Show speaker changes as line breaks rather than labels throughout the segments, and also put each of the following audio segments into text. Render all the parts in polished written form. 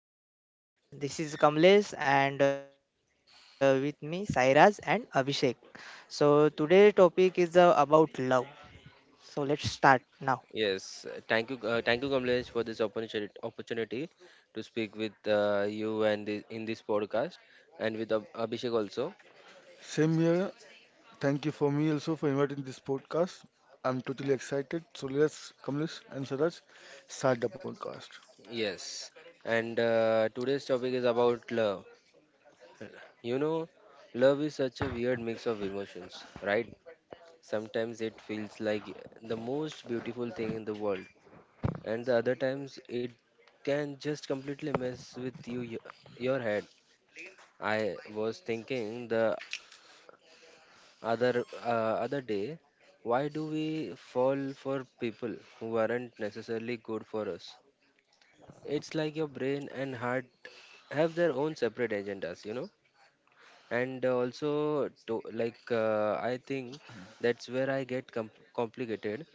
everyone, welcome to the Over podcast. This is Kamlesh and with me Sairaj and Abhishek. So today's topic is about love. So let's start now.
Yes, thank you, Kamlesh, for this opportunity to speak with you and in this podcast, and with Abhishek also.
Same here. Thank you for me also for inviting this podcast. I'm totally excited. So let's Kamlesh and Saraj start the podcast.
Yes, and today's topic is about love. You know, love is such a weird mix of emotions, right? Sometimes it feels like the most beautiful thing in the world, and the other times it can just completely mess with your head. I was thinking the other day, why do we fall for people who aren't necessarily good for us? It's like your brain and heart have their own separate agendas, you know. And also to, I think that's where I get complicated.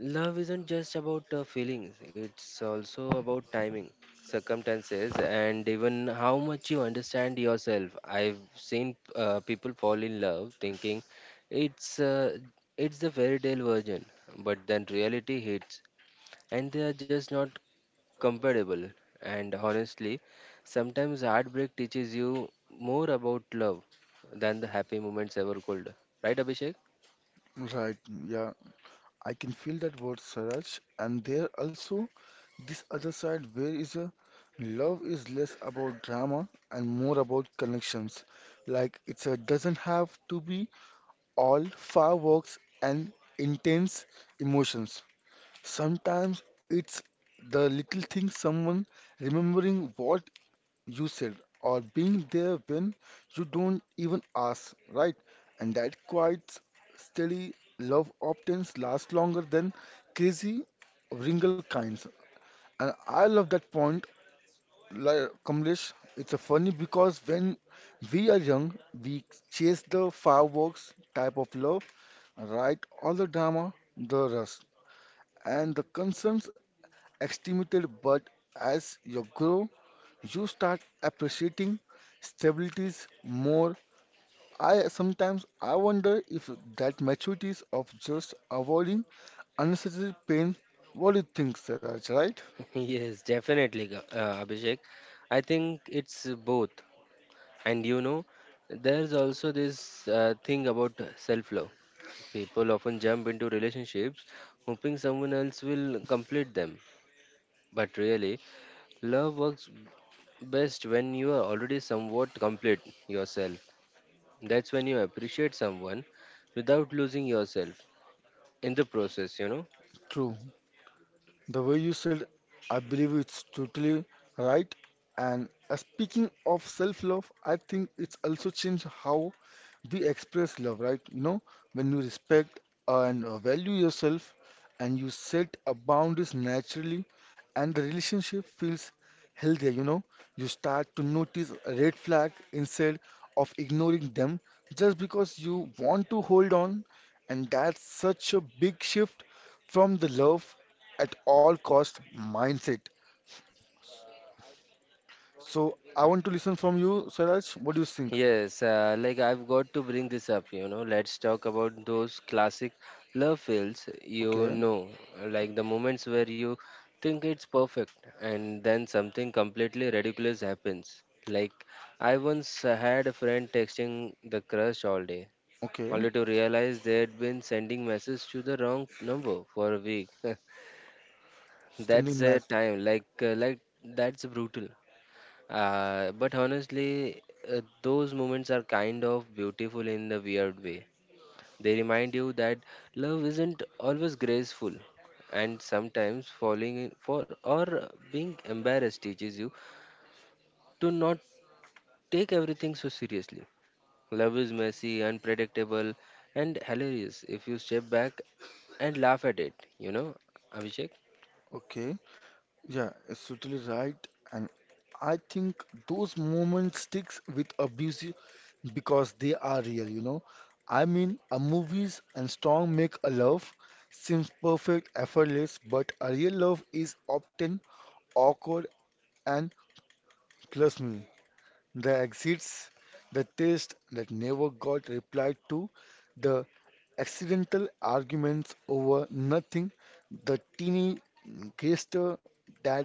Love isn't just about feelings, it's also about timing, circumstances, and even how much you understand yourself. I've seen people fall in love thinking it's uh, it's the fairy tale version, but then reality hits and they are just not compatible. And honestly, sometimes heartbreak teaches you more about love than the happy moments ever could. Right, Abhishek?
Right, yeah. I can feel that word Saraj and there also this other side where is a love is less about drama and more about connections. Like it's a doesn't have to be all fireworks and intense emotions. Sometimes it's the little thing someone remembering what you said, or being there when you don't even ask, right? And that quiet, steady love often lasts longer than crazy wrinkled kinds. And I love that point, like Kamlesh. It's a funny because when we are young, we chase the fireworks type of love, right? All the drama, the rust, and the concerns extimated. But as you grow, you start appreciating stabilities more. I sometimes I wonder if that maturity is of just avoiding unnecessary pain. What do you think, Siraj, right?
Yes, definitely, Abhishek. I think it's both. And you know, there's also this thing about self love. People often jump into relationships hoping someone else will complete them. But really, love works best when you are already somewhat complete yourself. That's when you appreciate someone without losing yourself in the process, you know.
True. The way you said, I believe it's totally right. And speaking of self-love, I think it's also changed how we express love, right? You know, when you respect and value yourself and you set a boundaries naturally and the relationship feels healthier, you know, you start to notice a red flag instead of ignoring them just because you want to hold on. And that's such a big shift from the love at all cost mindset. So I want to listen from you, Saraj. What do you think?
Yes, like I've got to bring this up, you know. Let's talk about those classic love fails, you
Okay,
know, like the moments where you think it's perfect and then something completely ridiculous happens. Like, I once had a friend texting the crush all day,
okay.
only to realize they'd been sending messages to the wrong number for a week. That's
Sending
a
math.
time, like that's brutal. But honestly, those moments are kind of beautiful in the weird way. They remind you that love isn't always graceful, and sometimes falling in for or being embarrassed teaches you to not take everything so seriously. Love is messy, unpredictable, and hilarious if you step back and laugh at it, you know, Abhishek?
Okay. Yeah, it's totally right. And I think those moments sticks with abuse because they are real, you know. I mean, a movies and strong make a love seems perfect, effortless, but a real love is often awkward and trust me. The exits, the taste that never got replied to, the accidental arguments over nothing, the teeny gesture that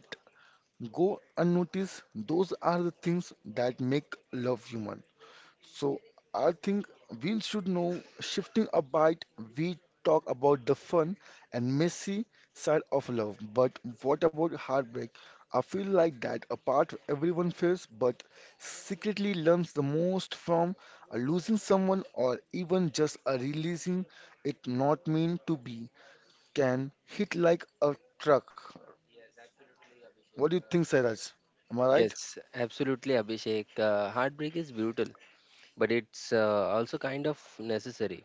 go unnoticed, those are the things that make love human. So I think we should know shifting a bite, we talk about the fun and messy side of love. But what about heartbreak? I feel like that a part everyone feels but secretly learns the most from a losing someone or even just a releasing it not mean to be can hit like a truck. What do you think, Sairaj? Am I right?
Yes, absolutely, Abhishek. Heartbreak is brutal, but it's also kind of necessary.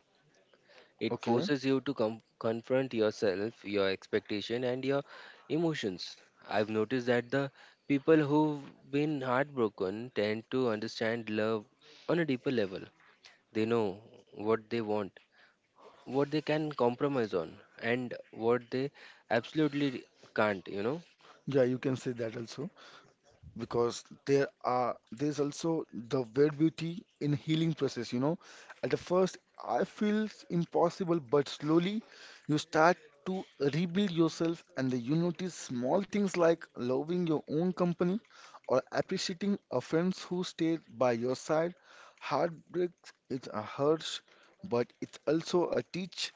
It
Okay.
forces you to confront yourself, your expectation, and your emotions. I've noticed that the people who've been heartbroken tend to understand love on a deeper level. They know what they want, what they can compromise on, and what they absolutely can't, you know.
Yeah, you can say that also, because there are there's also the weird beauty in healing process, you know. At the first I feels impossible, but slowly you start to rebuild yourself, and then you notice small things like loving your own company or appreciating a friends who stayed by your side. Heartbreak is a hurt, but it's also a teach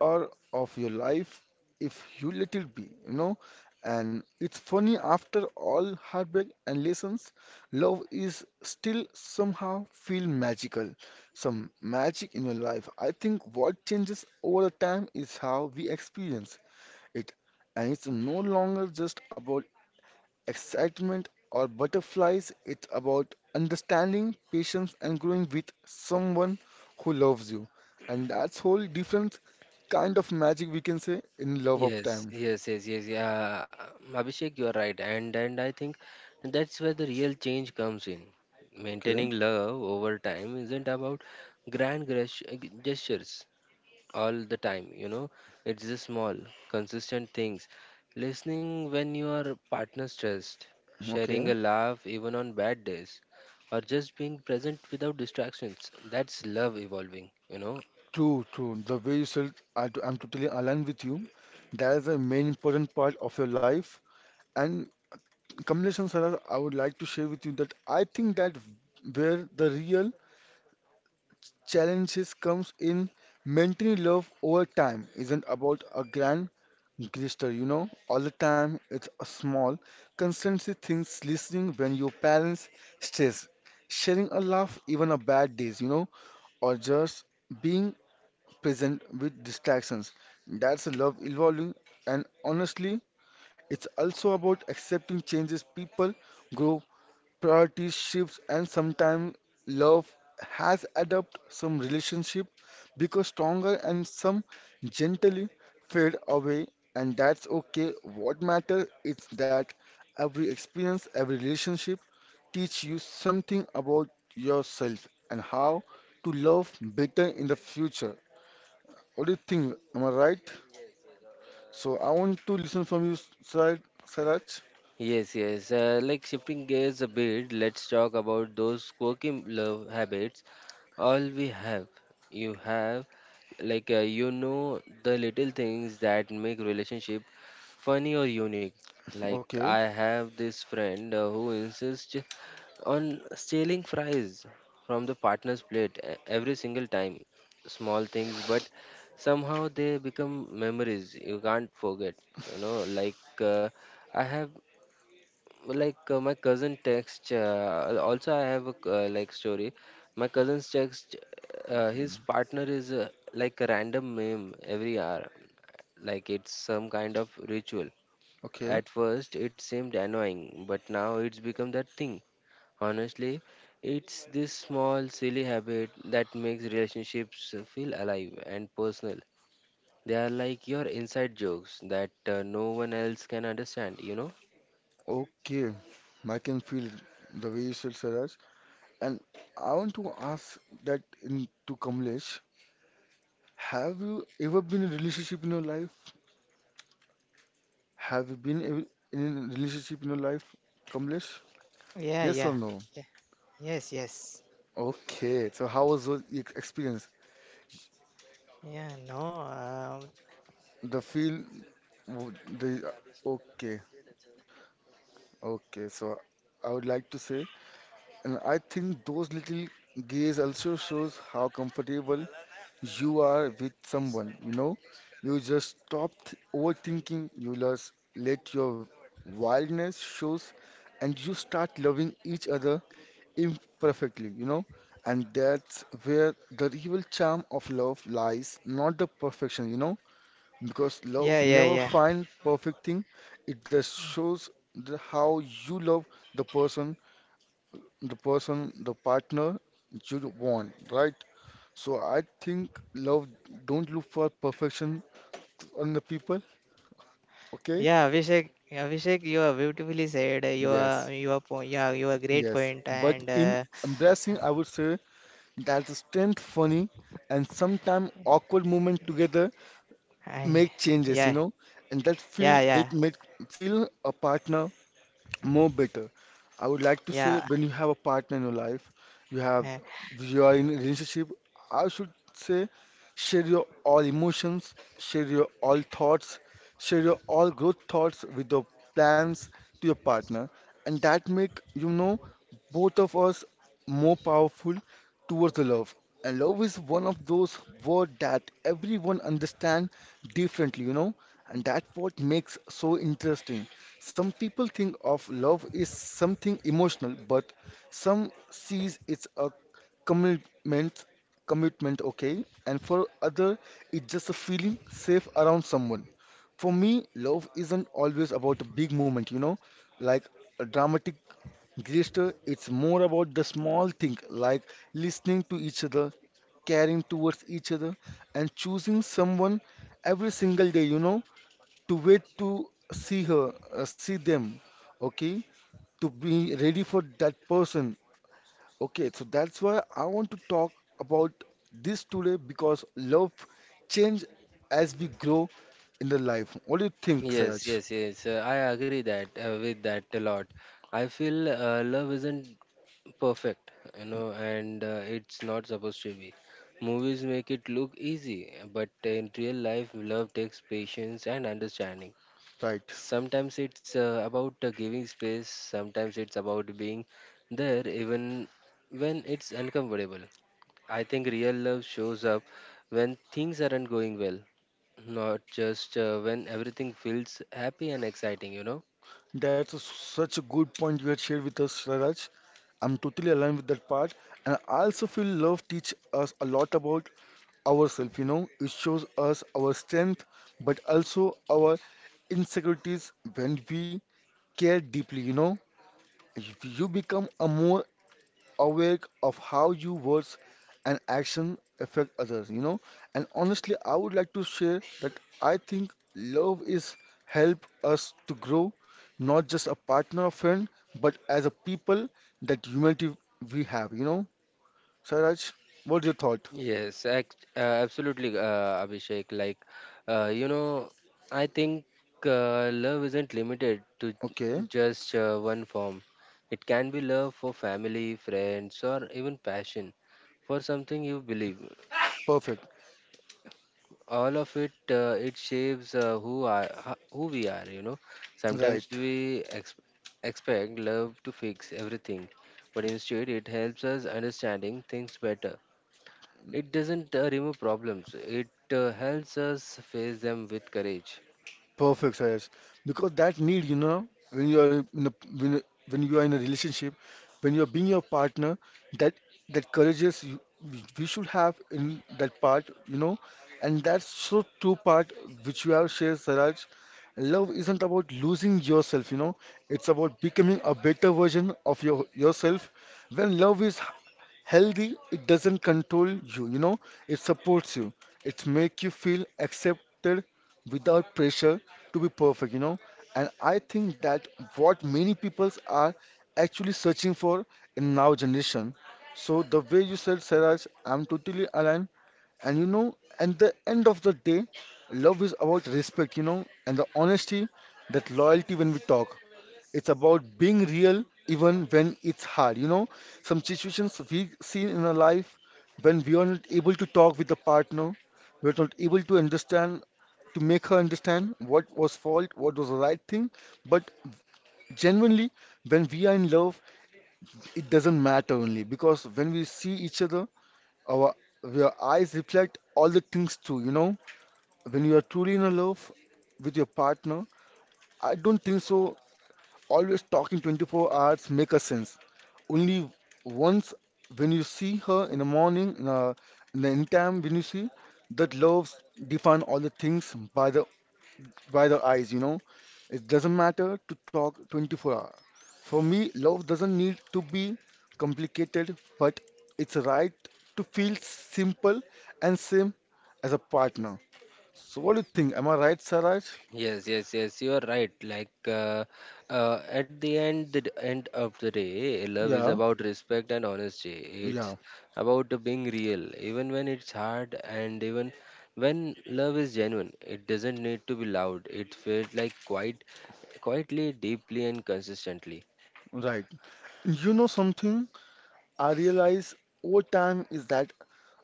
or of your life if you let it be, you know. And it's funny, after all heartbreak and lessons, love is still somehow feel magical, some magic in your life. I think what changes over the time is how we experience it. And it's no longer just about excitement or butterflies. It's about understanding, patience, and growing with someone who loves you. And that's whole different kind of magic we can say in love of
Yes,
time.
yes, yes, yes. Yeah, Abhishek, you are right, and I think that's where the real change comes in.
Okay,
Maintaining love over time isn't about grand gestures all the time. You know, it's the small, consistent things. Listening when your partner's stressed, sharing
okay.
a laugh even on bad days, or just being present without distractions. That's love evolving, you know.
True, true. The way you said, I'm totally aligned with you. That is the main important part of your life. And Kamlesh and Sarah, I would like to share with you that I think that where the real challenges comes in maintaining love over time isn't about a grand gesture, you know, all the time. It's a small, consistency things listening when your parents stress, sharing a laugh even a bad days, you know, or just being present with distractions. That's a love evolving, and honestly, it's also about accepting changes. People grow, priorities shifts, and sometimes love has adapt. Some relationship because stronger and some gently fade away, and that's okay. What matters is that every experience, every relationship teach you something about yourself and how to love better in the future. What do you think, am I right? So I want to listen from you, Sar- Saraj.
Yes, yes. Like shifting gears a bit, let's talk about those quirky love habits. All we have, you have, you know, the little things that make relationship funny or unique. Like
Okay,
I have this friend who insists on stealing fries from the partner's plate every single time. Small things, but somehow they become memories you can't forget. You know, I have my cousin text, also I have a like story, my cousin's text, his partner is, like a random meme every hour, like it's some kind of ritual.
okay.
At first it seemed annoying, but now it's become that thing. Honestly, it's this small silly habit that makes relationships feel alive and personal. They are like your inside jokes that no one else can understand, you know.
Okay, I can feel the way you said, Saraj. And I want to ask that in, to Kamlesh, have you ever been in a relationship in your life? Have you in a relationship in your life, Kamlesh?
Yeah,
Yes or
yeah,
no?
yeah. Yes, yes.
Okay, so how was your experience?
Yeah, no. Um,
The feel, w- the, okay, okay. So I would like to say, and I think those little gaze also shows how comfortable you are with someone, you know, you just stop overthinking, you just let your wildness shows and you start loving each other imperfectly, you know. And that's where the real charm of love lies, not the perfection, you know, because
yeah,
love
yeah,
never
yeah.
finds perfect thing. It just shows how you love the person, the partner you want, right? So I think love don't look for perfection on the people. Okay?
Yeah, Abhishek, you are beautifully said.
Yes.
You are great
Yes.
point
But
and
in embracing, I would say that the strength, funny, and sometimes awkward moment together
I,
make changes, you
yeah,
know, and that feel
yeah,
they
yeah,
make feel a partner more better. I would like to say
yeah,
when you have a partner in your life, you have you are in a relationship, I should say share your all emotions, share your all thoughts, share your all growth thoughts with your plans to your partner, and that make you know both of us more powerful towards the love. And love is one of those words that everyone understand differently, you know, and that's what makes so interesting. Some people think of love is something emotional, but some sees it's a commitment, commitment, okay? And for other, it's just a feeling safe around someone. For me, love isn't always about a big moment, you know, like a dramatic gesture. It's more about the small thing, like listening to each other, caring towards each other, and choosing someone every single day, you know, to wait to see her, see them, okay, to be ready for that person. Okay, so that's why I want to talk about this today because love change as we grow in the life. What do you think,
Yes,
Saraj?
yes, yes. I agree that with that a lot. I feel love isn't perfect, you know, and it's not supposed to be. Movies make it look easy, but in real life, love takes patience and understanding.
Right.
Sometimes it's about giving space, sometimes it's about being there even when it's uncomfortable. I think real love shows up when things aren't going well, not just when everything feels happy and exciting, you know?
That's such a good point you had shared with us, Saraj. I'm totally aligned with that part. And I also feel love teach us a lot about ourselves, you know. It shows us our strength, but also our insecurities when we care deeply, you know. If you become a more aware of how your words and action affect others, you know. And honestly, I would like to share that I think love is help us to grow, not just a partner or friend, but as a people that humanity we have, you know. Saraj, what's your thought?
Yes, absolutely, Abhishek. You know, I think love isn't limited to
Okay,
just one form. It can be love for family, friends, or even passion for something you believe.
perfect.
All of it, it shapes who we are, you know. Sometimes
Right.
we expect love to fix everything, but instead it helps us understanding things better. It doesn't remove problems, it helps us face them with courage.
Perfect, Sayas. Because that need, you know, when you are in a when, when you are in a relationship, when you are being your partner, that that courage is you, we should have in that part, you know, and that's so true part which you have shared, Saraj. Love isn't about losing yourself, you know. It's about becoming a better version of your yourself. When love is healthy, it doesn't control you, you know, it supports you. It make you feel accepted without pressure to be perfect, you know. And I think that what many people are actually searching for in now generation. So the way you said, Saraj, I'm totally aligned, and you know, at the end of the day, love is about respect, you know, and the honesty, that loyalty when we talk. It's about being real even when it's hard, you know. Some situations we see in our life when we are not able to talk with the partner, we're not able to understand, to make her understand what was fault, what was the right thing. But genuinely, when we are in love, it doesn't matter only because when we see each other, our your eyes reflect all the things too, you know. When you are truly in a love with your partner, I don't think so. Always talking 24 hours make a sense. Only once when you see her in the morning, in the anytime when you see that loves define all the things by the eyes, you know. It doesn't matter to talk 24 hour. For me, love doesn't need to be complicated, but it's right to feel simple and same as a partner. So what do you think? Am I right, Saraj?
Yes, yes, yes, you are right. At the end, the end of the day, love is
Yeah,
about respect and honesty.
yeah,
It's about the being real, even when it's hard, and even when love is genuine. It doesn't need to be loud. It felt like quietly, deeply, and consistently.
right. You know something I realize over time is that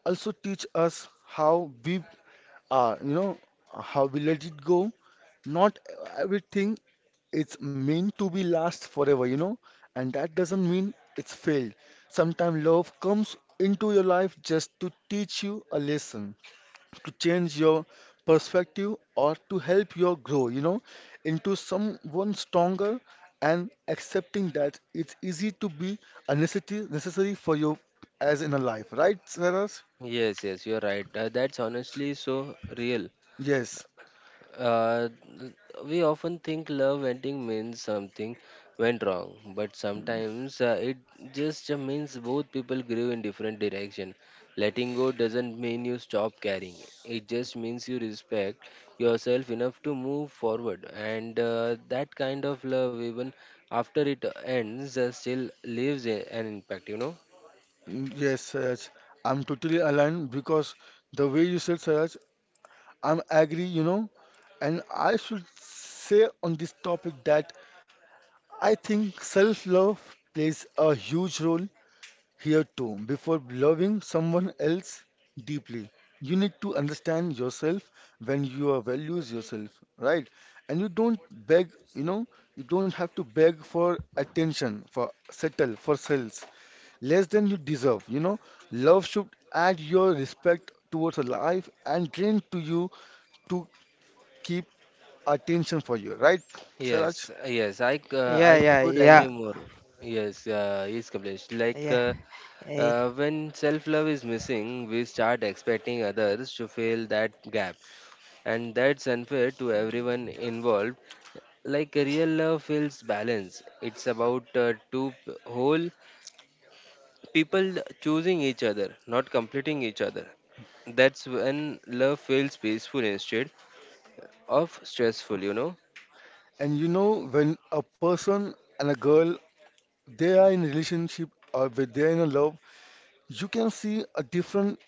also teach us how we are, you know, how we let it go. Not everything it's meant to be last forever, you know, and that doesn't mean it's failed. Sometimes love comes into your life just to teach you a lesson, to change your perspective, or to help you grow, you know, into someone stronger and accepting that it's easy to be a necessity necessary for you as in a life, right, Saraj?
Yes, yes, you are right. That's honestly so real.
Yes,
Uh, we often think love ending means something went wrong, but sometimes it just means both people grew in different direction. Letting go doesn't mean you stop caring. It just means you respect yourself enough to move forward. And that kind of love, even after it ends, still leaves an impact. You know.
mm, yes, Saraj. I'm totally aligned because the way you said, Saraj, I'm agree, you know. And I should say on this topic that I think self love plays a huge role here too. Before loving someone else deeply, you need to understand yourself when you are values yourself, right? And you don't beg, you know, you don't have to beg for attention, for settle, for sales, less than you deserve, you know. Love should add your respect towards a life and drain to you to keep attention for you, right, Saraj?
Yes, yes,
yeah,
I could agree
yeah,
more. Yes, yes, Kamlesh. Like.
yeah, yeah.
When self love is missing, we start expecting others to fill that gap, and that's unfair to everyone involved. Like real love feels balance, it's about whole people choosing each other, not completing each other. That's when love feels peaceful instead of stressful, you know.
And you know, when a person and a girl they are in relationship or when they are in a love, you can see a different,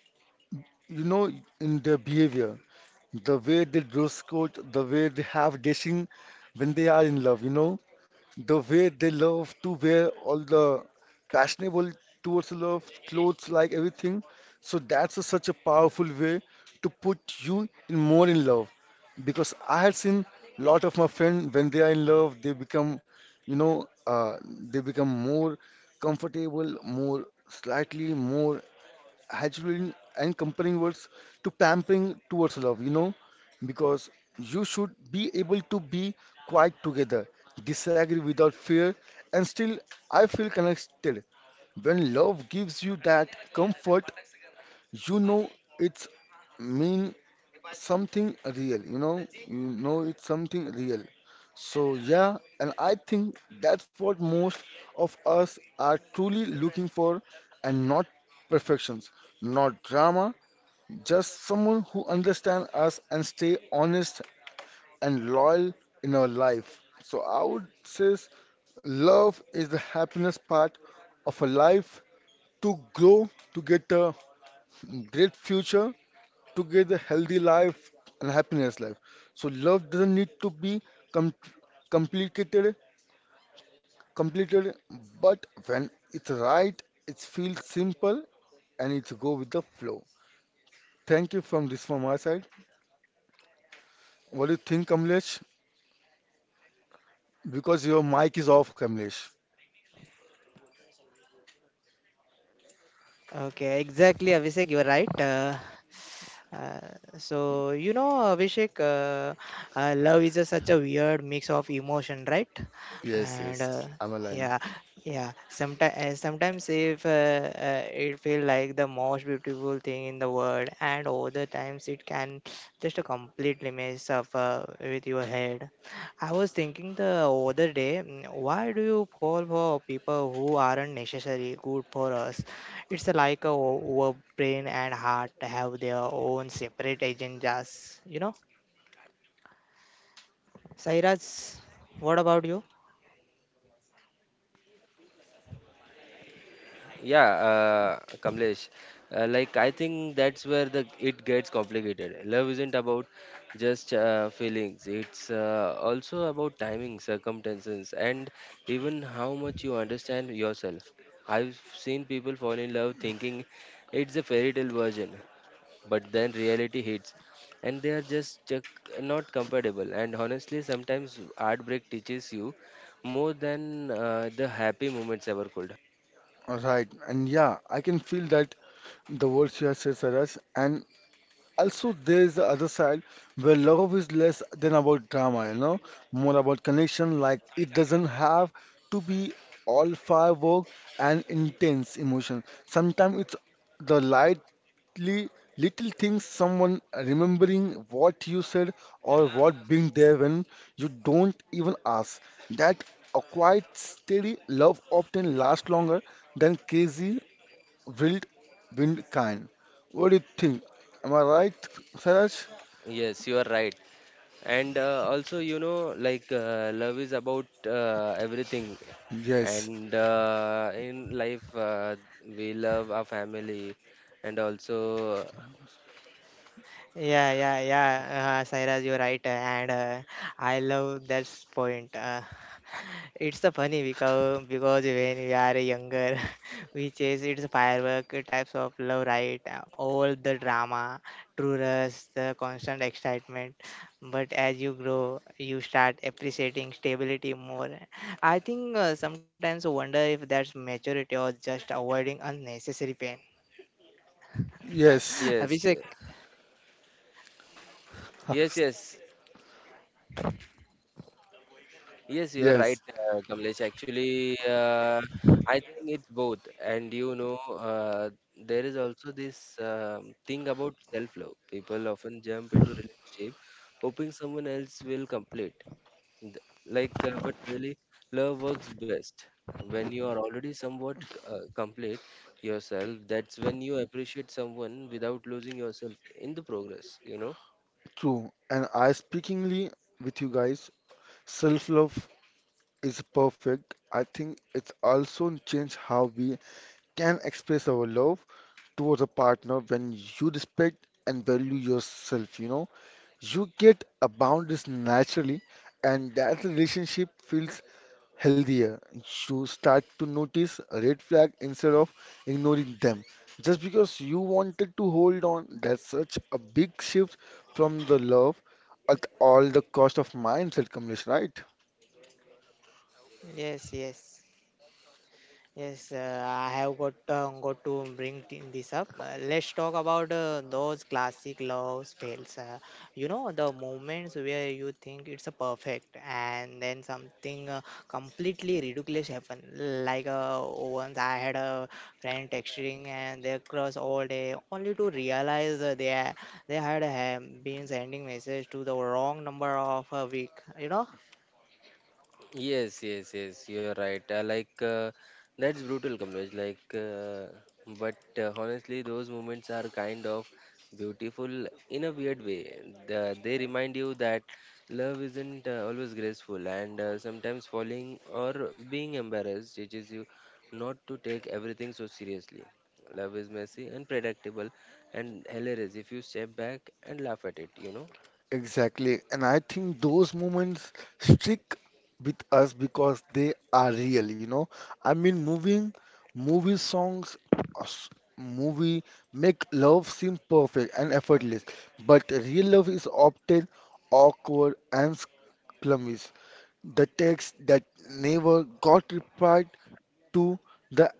you know, in their behavior, the way they dress code, the way they have dressing when they are in love, you know. The way they love to wear all the fashionable towards the love clothes, like everything. So that's a, such a powerful way to put you in more in love. Because I had seen lot of my friends when they are in love, they become, you know, they become more comfortable, more slightly more adulation and comparing words to pampering towards love, you know, because you should be able to be quiet together, disagree without fear, and still I feel connected. When love gives you that comfort, you know, it's mean something real, you know it's something real. So yeah, and I think that's what most of us are truly looking for and not perfections, not drama, just someone who understands us and stay honest and loyal in our life. So I would say love is the happiness part of a life to grow, to get a great future together healthy life and happiness life. So love doesn't need to be com- complicated, completed, but when it's right, it feels simple and it's go with the flow. Thank you from my side. What do you think, Kamlesh? Because your mic is off, Kamlesh.
Okay, exactly, Abhishek. You are right. Uh, so you know, Abhishek, love is a, such a weird mix of emotion, right?
Yes,
And
yes, I'm aligned.
yeah, yeah. Sometimes if it feels like the most beautiful thing in the world, and other times it can just completely mess up with your head. I was thinking the other day, why do you fall for people who aren't necessarily good for us? It's like o- our brain and heart have their own separate agendas, you know? Sairaj, what about you?
Yeah, Kamlesh, like I think that's where the it gets complicated. Love isn't about just feelings. It's also about timing, circumstances, and even how much you understand yourself. I've seen people fall in love thinking it's a fairy tale version, but then reality hits, and they are just not compatible. And honestly, sometimes heartbreak teaches you more than the happy moments ever could.
All right, and yeah, I can feel that the words you have said, Saraj, and also, there is the other side where love is less than about drama, you know, more about connection. Like it doesn't have to be all firework and intense emotion. Sometimes it's the lightly little things, someone remembering what you said or what being there when you don't even ask. That a quiet, steady love often lasts longer than crazy wild wind kind. What do you think? Am I right, Saraj?
Yes, you are right. And also you know love is about everything,
Yes,
and in life, we love our family and also
Yeah, yeah, yeah, Sairaj, you're right. And I love that point. It's the funny because when we are younger, we chase its firework types of love, right? All the drama, true rush, the constant excitement. But as you grow, you start appreciating stability more. I think sometimes I wonder if that's maturity or just avoiding unnecessary pain.
yes,
yes
Abhishek,
ye- yes yes yes you are right,
yes,
Kamlesh. Actually, I think it's both, and you know, there is also this thing about self love. People often jump into relationship hoping someone else will complete. Th- but really, love works best when you are already somewhat complete yourself. That's when you appreciate someone without losing yourself in the progress, you know?
true. And I speakingly with you guys, self-love is perfect. I think it's also changed how we can express our love towards a partner when you respect and value yourself, you know. You get a boundaries naturally, and that relationship feels healthier. You start to notice a red flag instead of ignoring them. Just because you wanted to hold on, that's such a big shift from the love at all the cost of mindset, Kamlesh, right?
yes, yes. Yes, I have got to bring this up. Let's talk about those classic love spells. You know the moments where you think it's a perfect, and then something completely ridiculous happen. Like once I had a friend texting and they cross all day, only to realize they had been sending message to the wrong number of a week. You know?
Yes, yes, yes, you're right. That's brutal, Kamlesh. But honestly, those moments are kind of beautiful in a weird way. They remind you that love isn't always graceful, and sometimes falling or being embarrassed teaches you not to take everything so seriously. Love is messy, unpredictable, and hilarious if you step back and laugh at it, you know?
Exactly. And I think those moments stick with us because they are real, you know. I mean, movie songs, uh, s- movie make love seem perfect and effortless, but real love is often awkward and clumsy. The text that never got replied to, the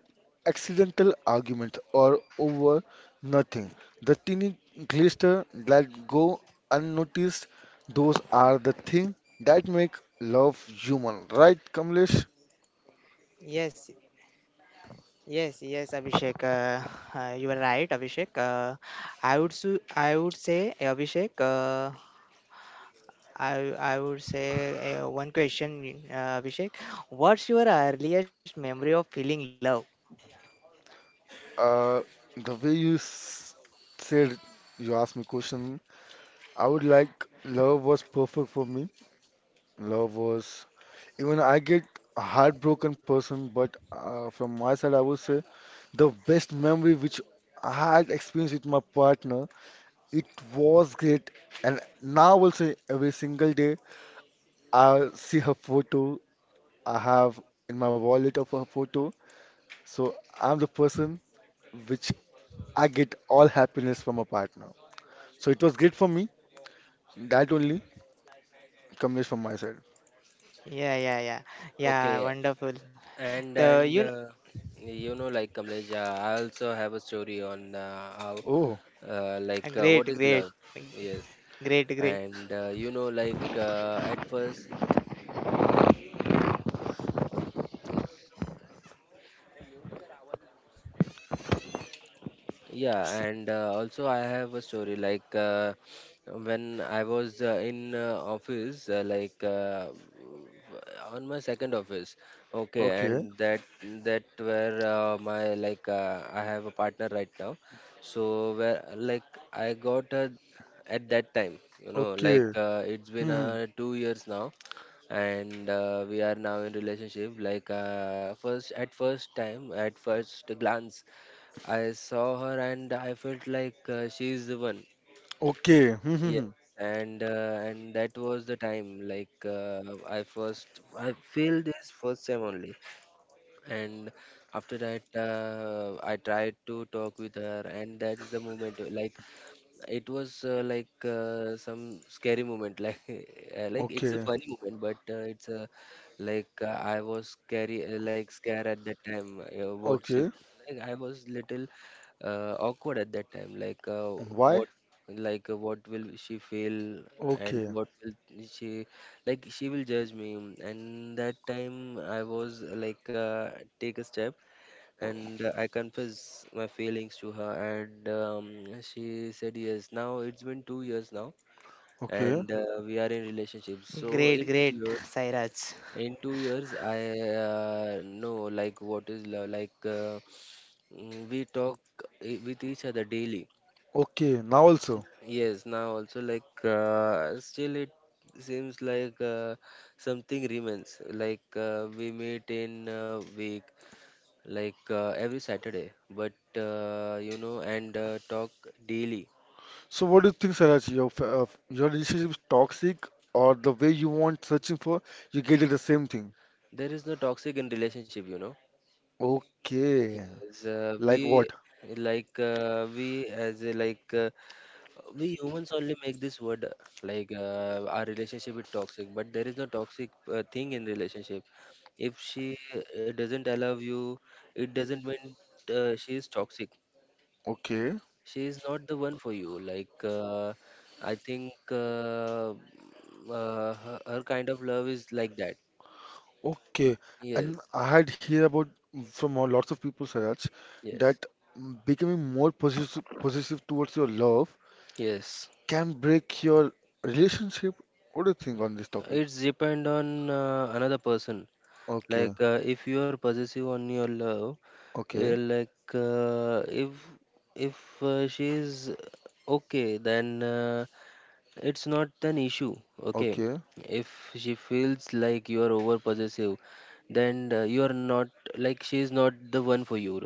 accidental arguments or over nothing. The teeny glister that go unnoticed, those are the thing that make love human, right, Kamlesh?
Yes, yes, yes, Abhishek. You are right, Abhishek. I would say Abhishek. I would say one question, Abhishek. What's your earliest memory of feeling love?
Uh, the way said you asked me question, I would like love was perfect for me. Love was even I get a heartbroken person, but from my side, I would say the best memory which I had experienced with my partner it was great, and now also every single day I see her photo. I have in my wallet of her photo, so I'm the person which I get all happiness from a partner. So it was great for me. That only comes from my side.
Yeah, yeah, yeah,
Okay.
yeah. Wonderful.
And
The
and
you
uh, you know, like Kamlesh, I also have a story on how,
Oh,
Great,
what is
great,
love? Yes,
great, great,
and you know, at first. Yeah, and also I have a story like, when I was in office, on my second office. Okay,
okay,
and that where my I have a partner right now. So where I got her at that time, you know,
okay,
it's been
hmm,
2 years now, and we are now in relationship. First at first glance I saw her and I felt she's the one.
okay, hmm, hmm,
Yes,
hmm.
and that was the time. I first I feel this first time only, and after that I tried to talk with her, and that is the moment. Like it was some scary moment like it's a
Okay,
funny moment, but it's a like I was scary, scared at that time, what she,
okay.
I was little awkward at that time,
Why?
what what will she feel and
Okay,
what will she, like, she will judge me. And that time I was, take a step, and I confessed my feelings to her, and she said yes. Now it's been 2 years now,
okay,
and we are in relationship. So
great,
in two
great,
years,
Sairaj.
in two years, I know like what is love. We talk with each other daily.
okay. Now also.
Yes, now also still it seems like something remains. We meet in a week, every Saturday, but you know, and talk daily.
So what do you think, Saraj? Your your relationship is toxic, or the way you want searching for, you get it the same thing.
There is no toxic in relationship, you know.
Okay,
Yes,
like
we
what?
we as a, we humans only make this word, our relationship is toxic, but there is no toxic thing in relationship. If she doesn't allow you, it doesn't mean she is toxic.
Okay,
She is not the one for you. Like, I think Her, her kind of love is like that.
okay.
Yes,
And I had hear about from a lots of people, Saraj,
yes,
that mm, becoming more possessive, possessive towards your love
yes.
can break your relationship. What do you think on this topic?
It's depend on another person.
Okay,
Like, if you are possessive on your love,
okay,
if she is okay, then it's not an issue. Okay.
okay,
If she feels like you are over possessive, then you are not, like, she is not the one for you.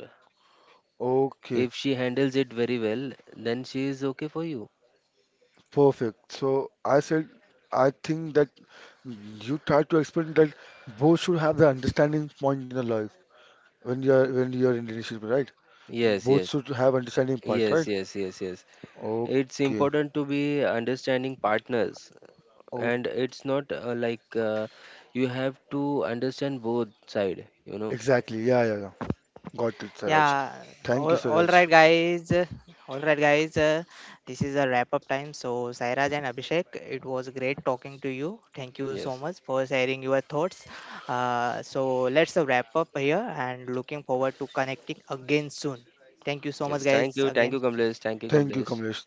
okay,
If she handles it very well, then she is okay for you.
perfect. So I said, I think that you try to explain that both should have the understanding point in the life when you're in relationship, right?
Yes,
Both
yes,
should have understanding part,
yes,
right?
yes, yes, yes,
Okay.
it's important to be understanding partners,
Oh,
and it's not you have to understand both side, you know.
exactly. Yeah, yeah, yeah. Got it, Siraj.
Yeah,
Thank you,
all
Siraj.
right guys, all right guys, this is a wrap up time, so Sairaj and Abhishek, it was great talking to you. Thank you so
Yes,
much for sharing your thoughts. So let's wrap up here, and looking forward to connecting again soon. Thank you so much
yes, thank
guys
you,
again.
Kamlesh, thank you
Thank you,
kamlesh
Kamlesh.